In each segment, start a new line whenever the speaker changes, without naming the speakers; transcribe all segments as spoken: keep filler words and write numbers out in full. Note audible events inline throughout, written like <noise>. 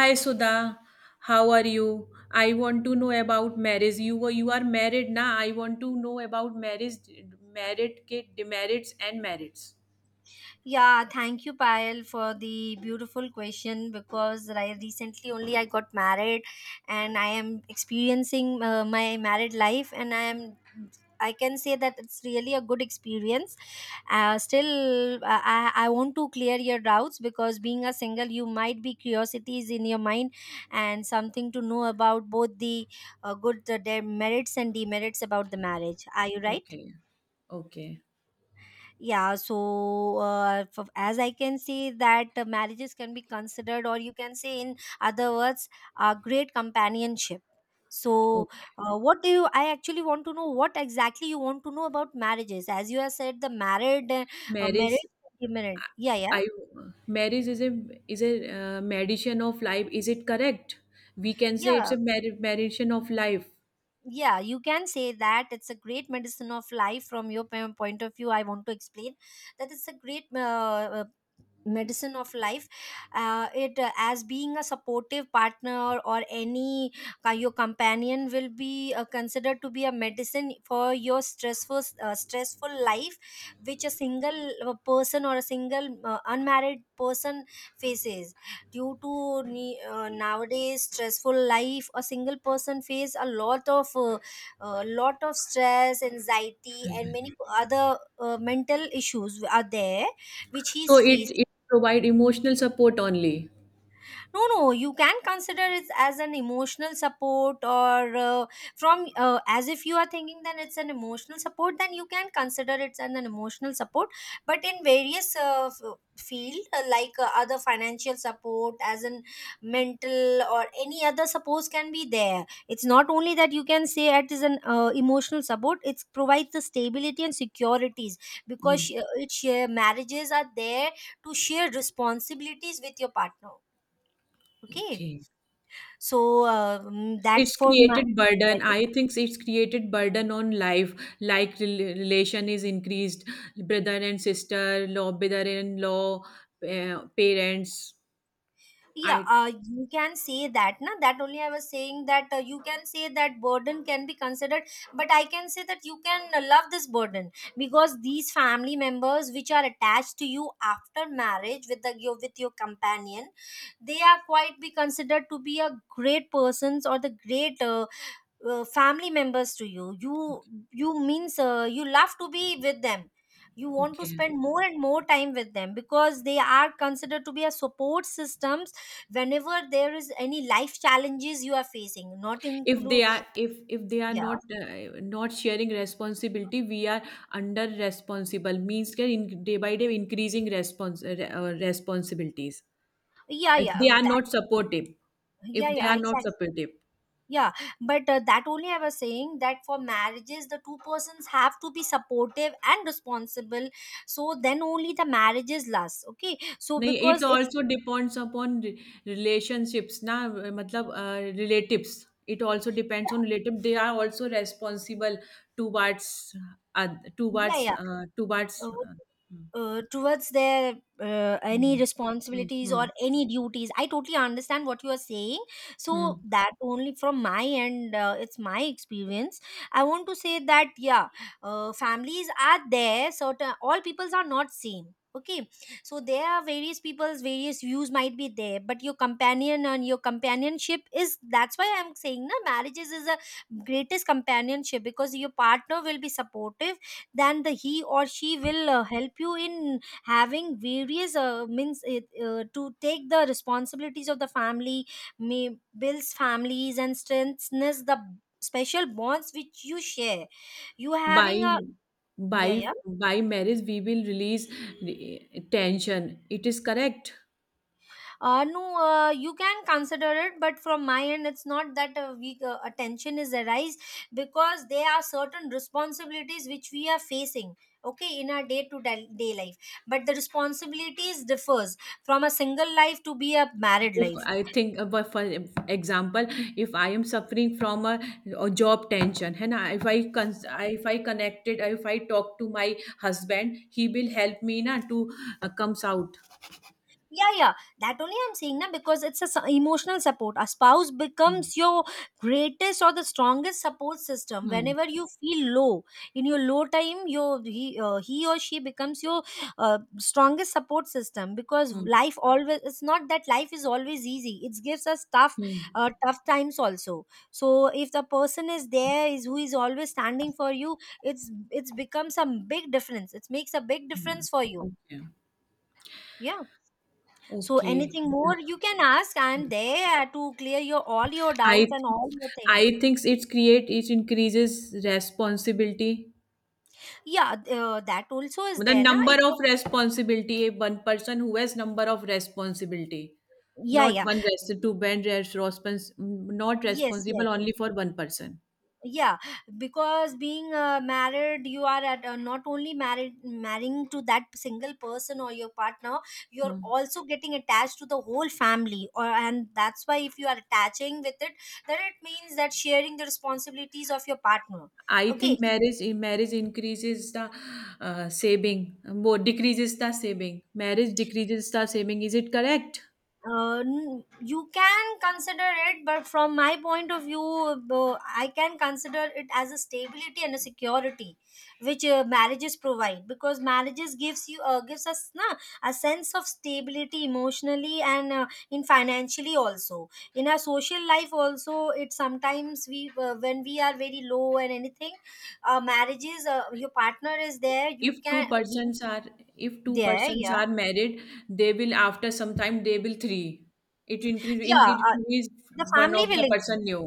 Hi Sudha, how are you? I want to know about marriage. You were you are married now. I want to know about marriage, merit, के demerits and merits.
Yeah, thank you, Payal, for the beautiful question because I recently only I got married and I am experiencing uh, my married life and I am I can say that it's really a good experience. Uh, still, I, I I want to clear your doubts because being a single, you might be curiosities in your mind and something to know about both the uh, good the, the merits and demerits about the marriage. Are you right?
Okay, okay,
yeah so uh, f- as i can see that uh, marriages can be considered, or you can say in other words, a great companionship. So
okay.
uh, what do you I actually want to know what exactly you want to know about marriages, as you have said the married uh, uh,
Marriage,
marriage sentiment. yeah yeah
I marriage is a is a uh, medicine of life. Is it correct? We can say
yeah
it's a mer- medicine of life.
yeah You can say that it's a great medicine of life. From your po- point of view, I want to explain that it's a great uh, medicine of life. Uh, it uh, As being a supportive partner or any uh, your companion will be uh, considered to be a medicine for your stressful uh, stressful life, which a single uh, person or a single uh, unmarried person faces. Due to ne- uh, nowadays stressful life, a single person face a lot of uh, uh, lot of stress, anxiety, and many
Right.
other uh, mental issues are there which he
So
is
it
facing.
it provide emotional support only.
No, no, you can consider it as an emotional support, or uh, from uh, as if you are thinking, then it's an emotional support, then you can consider it an, an emotional support. But in various uh, f- field, uh, like uh, other financial support, as in mental or any other support can be there. It's not only that you can say it is an uh, emotional support. It provides the stability and securities because sh-
Mm.
uh, it share marriages are there to share responsibilities with your partner. Okay.
Okay.
So um, that
It's
for my,
created burden. I think it's created burden on life, like rel- relation is increased, brother and sister law, brother in law, uh, parents.
yeah,
I
uh, you can say that, na. That only I was saying that uh, you can say that burden can be considered, but I can say that you can uh, love this burden because these family members which are attached to you after marriage with the your with your companion, they are quite be considered to be a great persons or the great uh, uh, family members to you you you means uh, you love to be with them. You want to
Okay,
spend more and more time with them because they are considered to be a support systems whenever there is any life challenges you are facing, not
if they
include.
are, if if they are
yeah
not uh, not sharing responsibility, we are under responsible means can in, day by day increasing respons- uh, responsibilities,
yeah
if
yeah uh,
they are
that
not supportive, if
yeah
they
yeah
are not
exactly.
supportive.
Yeah, but uh, that only I was saying that for marriages the two persons have to be supportive and responsible, so then only the marriages last. Okay, so
No, it
because it's,
also depends upon relationships, na? I mean, relatives. It also
yeah,
depends on relatives. They are also responsible. Two parts, ad. Two
yeah,
parts.
yeah.
Ah, two parts.
uh, uh, Towards their uh, any responsibilities or any duties, I totally understand what you are saying. So that only from my end, uh, it's my experience, I want to say that. Yeah, uh, families are there, certain all peoples are not same. Okay, so there are various people's various views might be there, but your companion and your companionship is, that's why I'm saying na, marriages is a greatest companionship because your partner will be supportive. Then the he or she will uh, help you in having various uh, means it, uh, to take the responsibilities of the family, may builds families and strengthens the special bonds which you share. You
By
having a, yeah,
by
yeah.
by marriage, we will release the tension. It is correct.
Uh, no, uh, you can consider it, but from my end, it's not that a we uh, attention is arise because there are certain responsibilities which we are facing. Okay, in our day to day life, but the responsibilities differs from a single life to be a married
If
life.
I think about, for example, if I am suffering from a, a job tension, and I, if I cons- I- if I connected, if I talk to my husband, he will help me na to uh, comes out.
Yeah, yeah, that only I'm saying na, because it's a su- emotional support. A spouse
Hmm.
becomes your greatest or the strongest support system
Hmm.
whenever you feel low. In your low time, your he, uh, he or she becomes your uh, strongest support system, because
Hmm.
life always, it's not that life is always easy, it gives us tough uh,
Hmm.
tough times also. So if the person is there, is who is always standing for you, it's it's becomes a big difference, it makes a big
Hmm.
difference for you.
Okay.
Yeah, so
Okay.
anything more you can ask. I'm there to clear your all your doubts
I
and all your thing.
I think it's create it increases responsibility,
Yeah, uh, that also is
the
there, na?
number
If
of
you,
responsibility, one person who has number of responsibility,
yeah,
not
yeah,
one res- to bend response not
yes, yes,
responsible
yes.
only for one person.
Yeah. Because being uh, married, you are at, uh, not only married marrying to that single person or your partner. You're
Hmm.
also getting attached to the whole family, or, and that's why if you are attaching with it, then it means that sharing the responsibilities of your partner.
I
Okay,
think marriage, in marriage increases the uh, saving, more decreases the saving. Marriage decreases the saving. Is it correct?
Uh, n- you can consider it, but from my point of view, uh, I can consider it as a stability and a security, which uh, marriages provide, because marriages gives you uh, gives us na a sense of stability emotionally and uh, in financially also, in our social life also. It, sometimes we uh, when we are very low and anything, uh, marriages uh, your partner is there. You
If two
can he,
persons are if two
there,
persons
yeah,
are married, they will, after some time, they will three. It increase in-
yeah. Uh,
increase
the
one
family
of
will
the person
increase.
new.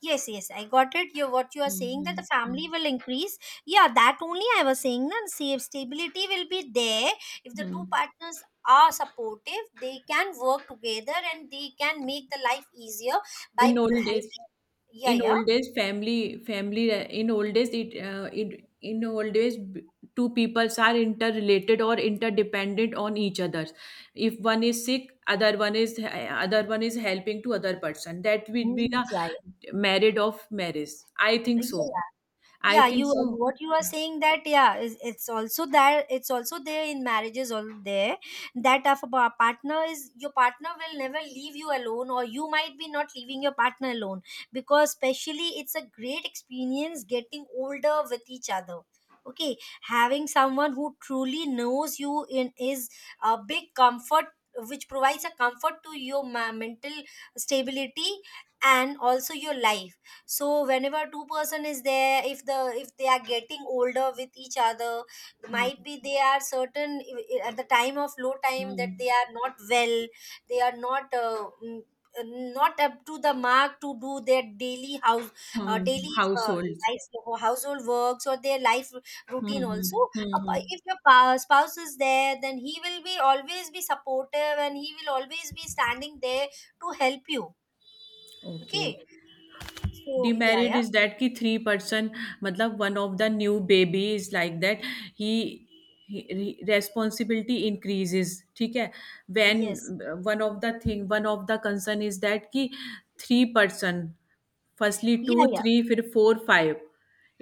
Yes, yes, I got it. You, what you are saying, that the
Mhm.
family will increase. Yeah, that only I was saying. Then save stability will be there if the two
Mhm.
partners are supportive. They can work together and they can make the life easier by
In
m-
old days,
helping. Yeah,
in
yeah.
old days, family, family, uh, in old days, it, uh, it, in old days, b- two peoples are interrelated or interdependent on each other. If one is sick, other one is, other one is helping to other person. That will be
Mm,
the
yeah, yeah.
marriage of marriage. I think so.
Yeah.
I
Yeah,
think
you,
so.
what you are saying, that yeah, it's, it's also there, it's also there in marriages all there. That if a pa- partner is, your partner will never leave you alone, or you might be not leaving your partner alone. Because especially it's a great experience getting older with each other. Okay, having someone who truly knows you in is a big comfort, which provides a comfort to your ma- mental stability and also your life. So whenever two person is there, if the, if they are getting older with each other,
Hmm.
might be they are certain at the time of low time, that they
Hmm.
are not well, they are not uh, mm, uh, not up to the mark to do their daily house, uh,
Hmm.
daily uh,
Households.
life or household works, or their life
Hmm.
routine
Hmm.
also. Uh,
Hmm. Hmm.
if your pa- spouse is there, then he will be always be supportive and he will always be standing there to help you. Okay,
Okay.
so, yeah,
demerit
yeah,
is that कि three person, मतलब one of the new baby is like that. He he responsibility increases. ठीक है. When
yes.
one of the thing, one of the concern is that कि three person. Firstly two,
Yeah, yeah.
three, फिर four, five.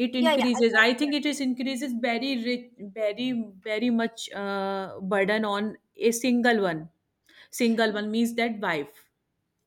It
Yeah, yeah, I
increases, I
got
think it is increases very rich, very, very much uh, burden on a single one, single
it.
one means that wife.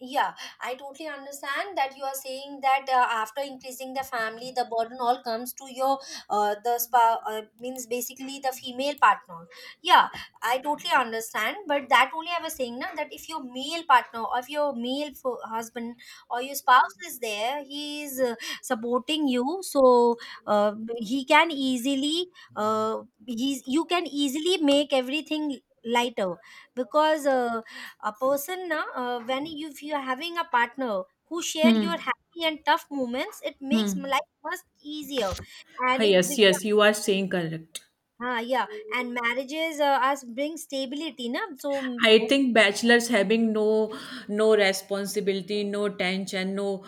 Yeah, I totally understand that you are saying that uh, after increasing the family, the burden all comes to your uh, the spa uh, means basically the female partner. Yeah, I totally understand, but that only I was saying now, that if your male partner or if your male fo- husband or your spouse is there, he is uh, supporting you, so uh, he can easily uh, he's, you can easily make everything lighter. Because, Uh, a person na, uh, when you, if you're having a partner who share your
Hmm.
happy and tough moments, it makes m-
Hmm.
life much easier.
Ah,
And it
yes, yes,
becomes,
you are saying correct.
uh, yeah, and marriages uh, us bring stability na, so, mm,
I
<laughs>
think bachelors having no no responsibility, no tension, no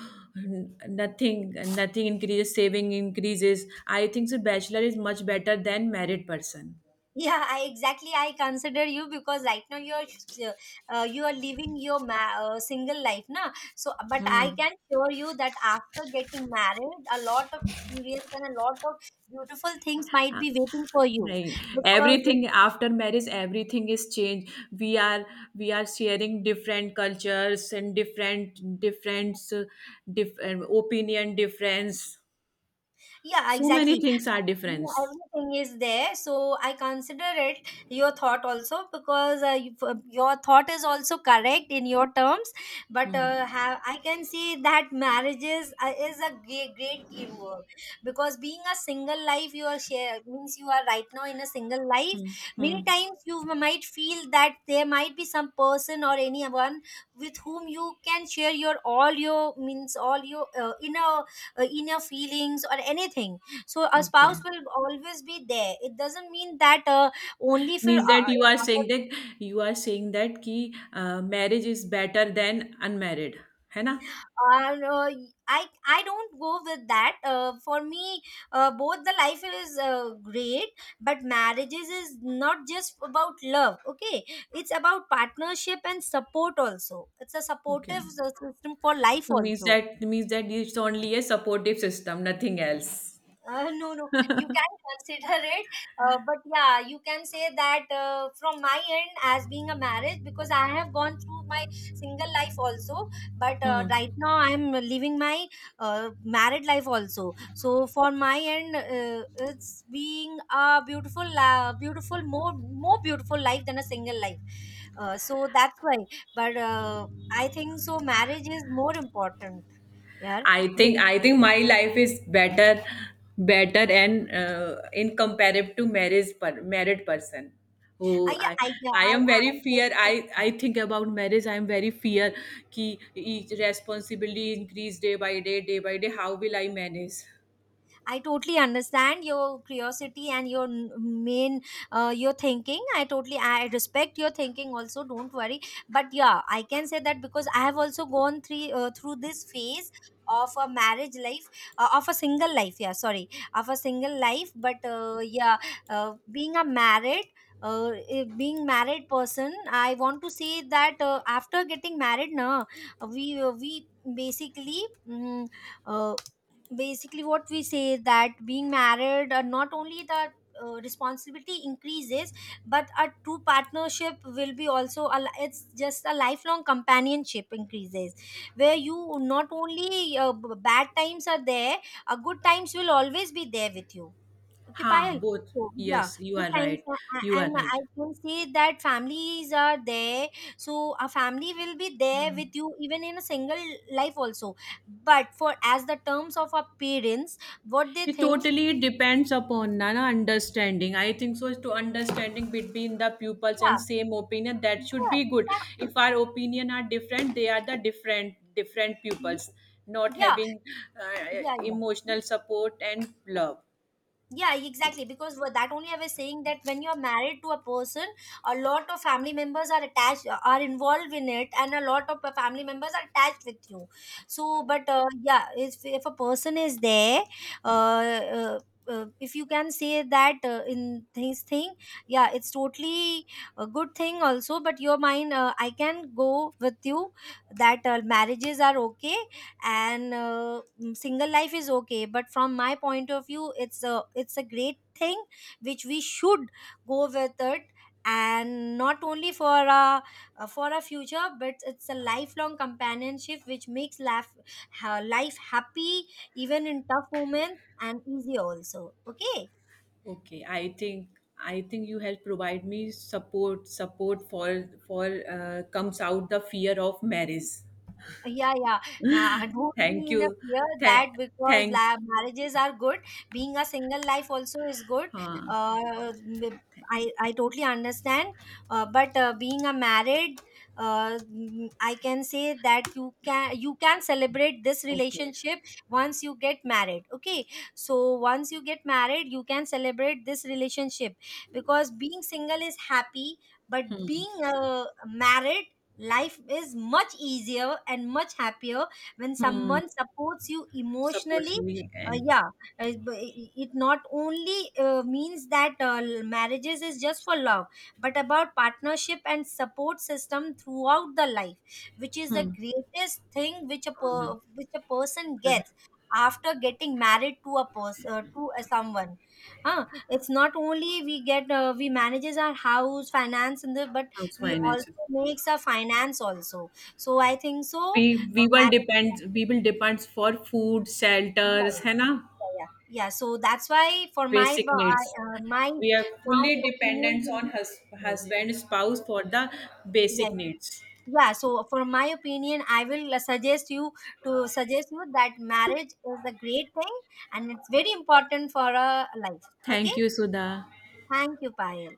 nothing, nothing increases, saving increases. I think so bachelor is much better than married person.
yeah. I exactly I consider you, because right now you're s- uh, uh, you are living your ma- uh, single life na, so, but I
Hmm.
can assure you that after getting married, a lot of experience and a lot of beautiful things might
Uh,
be waiting for you.
Nahi.
Because uh,
Everything, after marriage everything is changed. we are we are sharing different cultures and different different uh, dif- uh, opinion difference,
yeah,
so many
exactly.
things are
Yeah,
difference.
everything is there, so I consider it your thought also, because uh, you, uh, your thought is also correct in your terms, but uh, ha- I can see that marriages uh, is a great, great teamwork. Because being a single life, you are share, means you are right now in a single
Hmm.
life, many
Hmm.
times you might feel that there might be some person or anyone with whom you can share your all your, means all your uh, inner uh, inner feelings or anything. So a
Okay,
spouse will always be there. It doesn't mean that uh, only for
means that
uh,
you
in
are saying
our-
that, you are saying that ki uh, marriage is better than unmarried, है ना?
our, uh, i i don't go with that. Uh, for me uh, both the life is uh, great, but marriages is not just about love. Okay, it's about partnership and support also, it's a
Okay,
supportive uh,
so
system for life
means
also.
that, means that it's only a supportive system, nothing else.
Uh, no, no, you can consider it. Uh, but yeah, you can say that uh, from my end, as being a marriage, because I have gone through my single life also. But uh,
Hmm.
right now I'm living my uh, married life also. So for my end, uh, it's being a beautiful, uh, beautiful, more, more beautiful life than a single life. Uh, so that's why. But uh, I think so, marriage is more important. Yeah.
I
But-
think I think my life is better, better and uh, in comparative to marriage per, married person.
uh,
Oh,
yeah,
I
I, yeah,
I
I, I,
am
I
very fear.
totally
I I think about marriage, I am very fear. Ki each responsibility increase day by day, day by day, how will I manage?
I totally understand your curiosity and your n- main uh, your thinking. I totally I respect your thinking also. Don't worry. But yeah, I can say that because I have also gone through, uh, through this phase of a marriage life uh, of a single life, yeah, sorry, of a single life. But uh, yeah, uh, being a married uh, eh, being married person, I want to say that uh, after getting married na we uh, we basically, mm, uh, basically what we say that being married uh, not only the uh, responsibility increases, but a true partnership will be also a, li- it's just a lifelong companionship increases, where you not only uh, b- bad times are there uh, good times will always be there with you. Okay,
Ha,
Payal.
both.
So yeah,
Yes, you
good
are
times,
right.
a-
You
a- and
are
I
right.
can say that families are there. So a family will be there
Hmm.
with you even in a single life also. But for as the terms of our parents, what they
It
think,
totally depends upon Nana understanding. I think so. To understanding between the pupils
yeah,
and same opinion, that should
yeah,
be good.
exactly,
If our opinion are different, they are the different different pupils. Not
yeah,
having uh,
yeah, yeah, yeah.
emotional support and love.
Yeah, exactly, because wha- that only I was saying, that when you're married to a person, a lot of family members are attached, uh, are involved in it, and a lot of uh, family members are attached with you. So but uh, yeah, if, if a person is there, uh, uh, uh, if you can say that uh, in things thing, yeah, it's totally a good thing also. But your mind uh, I can go with you that uh, marriages are okay, and uh, mm, single life is okay, but from my point of view, it's a it's a great thing which we should go with it. And not only for a uh, for a future, but it's a lifelong companionship which makes life ha- life happy even in tough moments and easy also. Okay.
Okay, I think I think you have provide me support, support for for uh, comes out the fear of marriage.
Yeah, yeah. Ma- <laughs> don't
Thank
be in a
you.
fear, that
Thank,
because
thank.
la- marriages are good, being a single life also is good.
Huh.
Uh, I I totally understand. Uh, but uh, being a married, uh, mm, I can say that you can you can celebrate this
Okay.
relationship once you get married. Okay, so once you get married, you can celebrate this relationship, because being single is happy, but being uh, married life is much easier and much happier when someone
Hmm.
supports you
Supports
emotionally.
me
Uh,
and
yeah, uh, b- i- it not only uh, means that uh, marriages is just for love, but about partnership and support system throughout the life, which is the
hmm.
greatest thing which a
On
per- which a person
the
gets after getting married to a person, uh, to a someone. Huh? It's not only we get uh, we manages our house finance and the, but
house
we also
finances.
makes a finance also. So I think so,
We we
uh,
will
marriage-
depend. We will depend for food,
yeah,
shelters, है ना?
yeah, yeah. Yeah, so that's why for my
Basic needs.
uh, my
We are
my
fully
opinion
dependent
will
on
be
hus-
yeah,
husband, spouse for the basic
yeah.
needs.
Yeah, so for my opinion, I will suggest you to suggest you that marriage is a great thing, and it's very important for a life.
Thank
Okay,
you, Sudha.
thank you, Payal.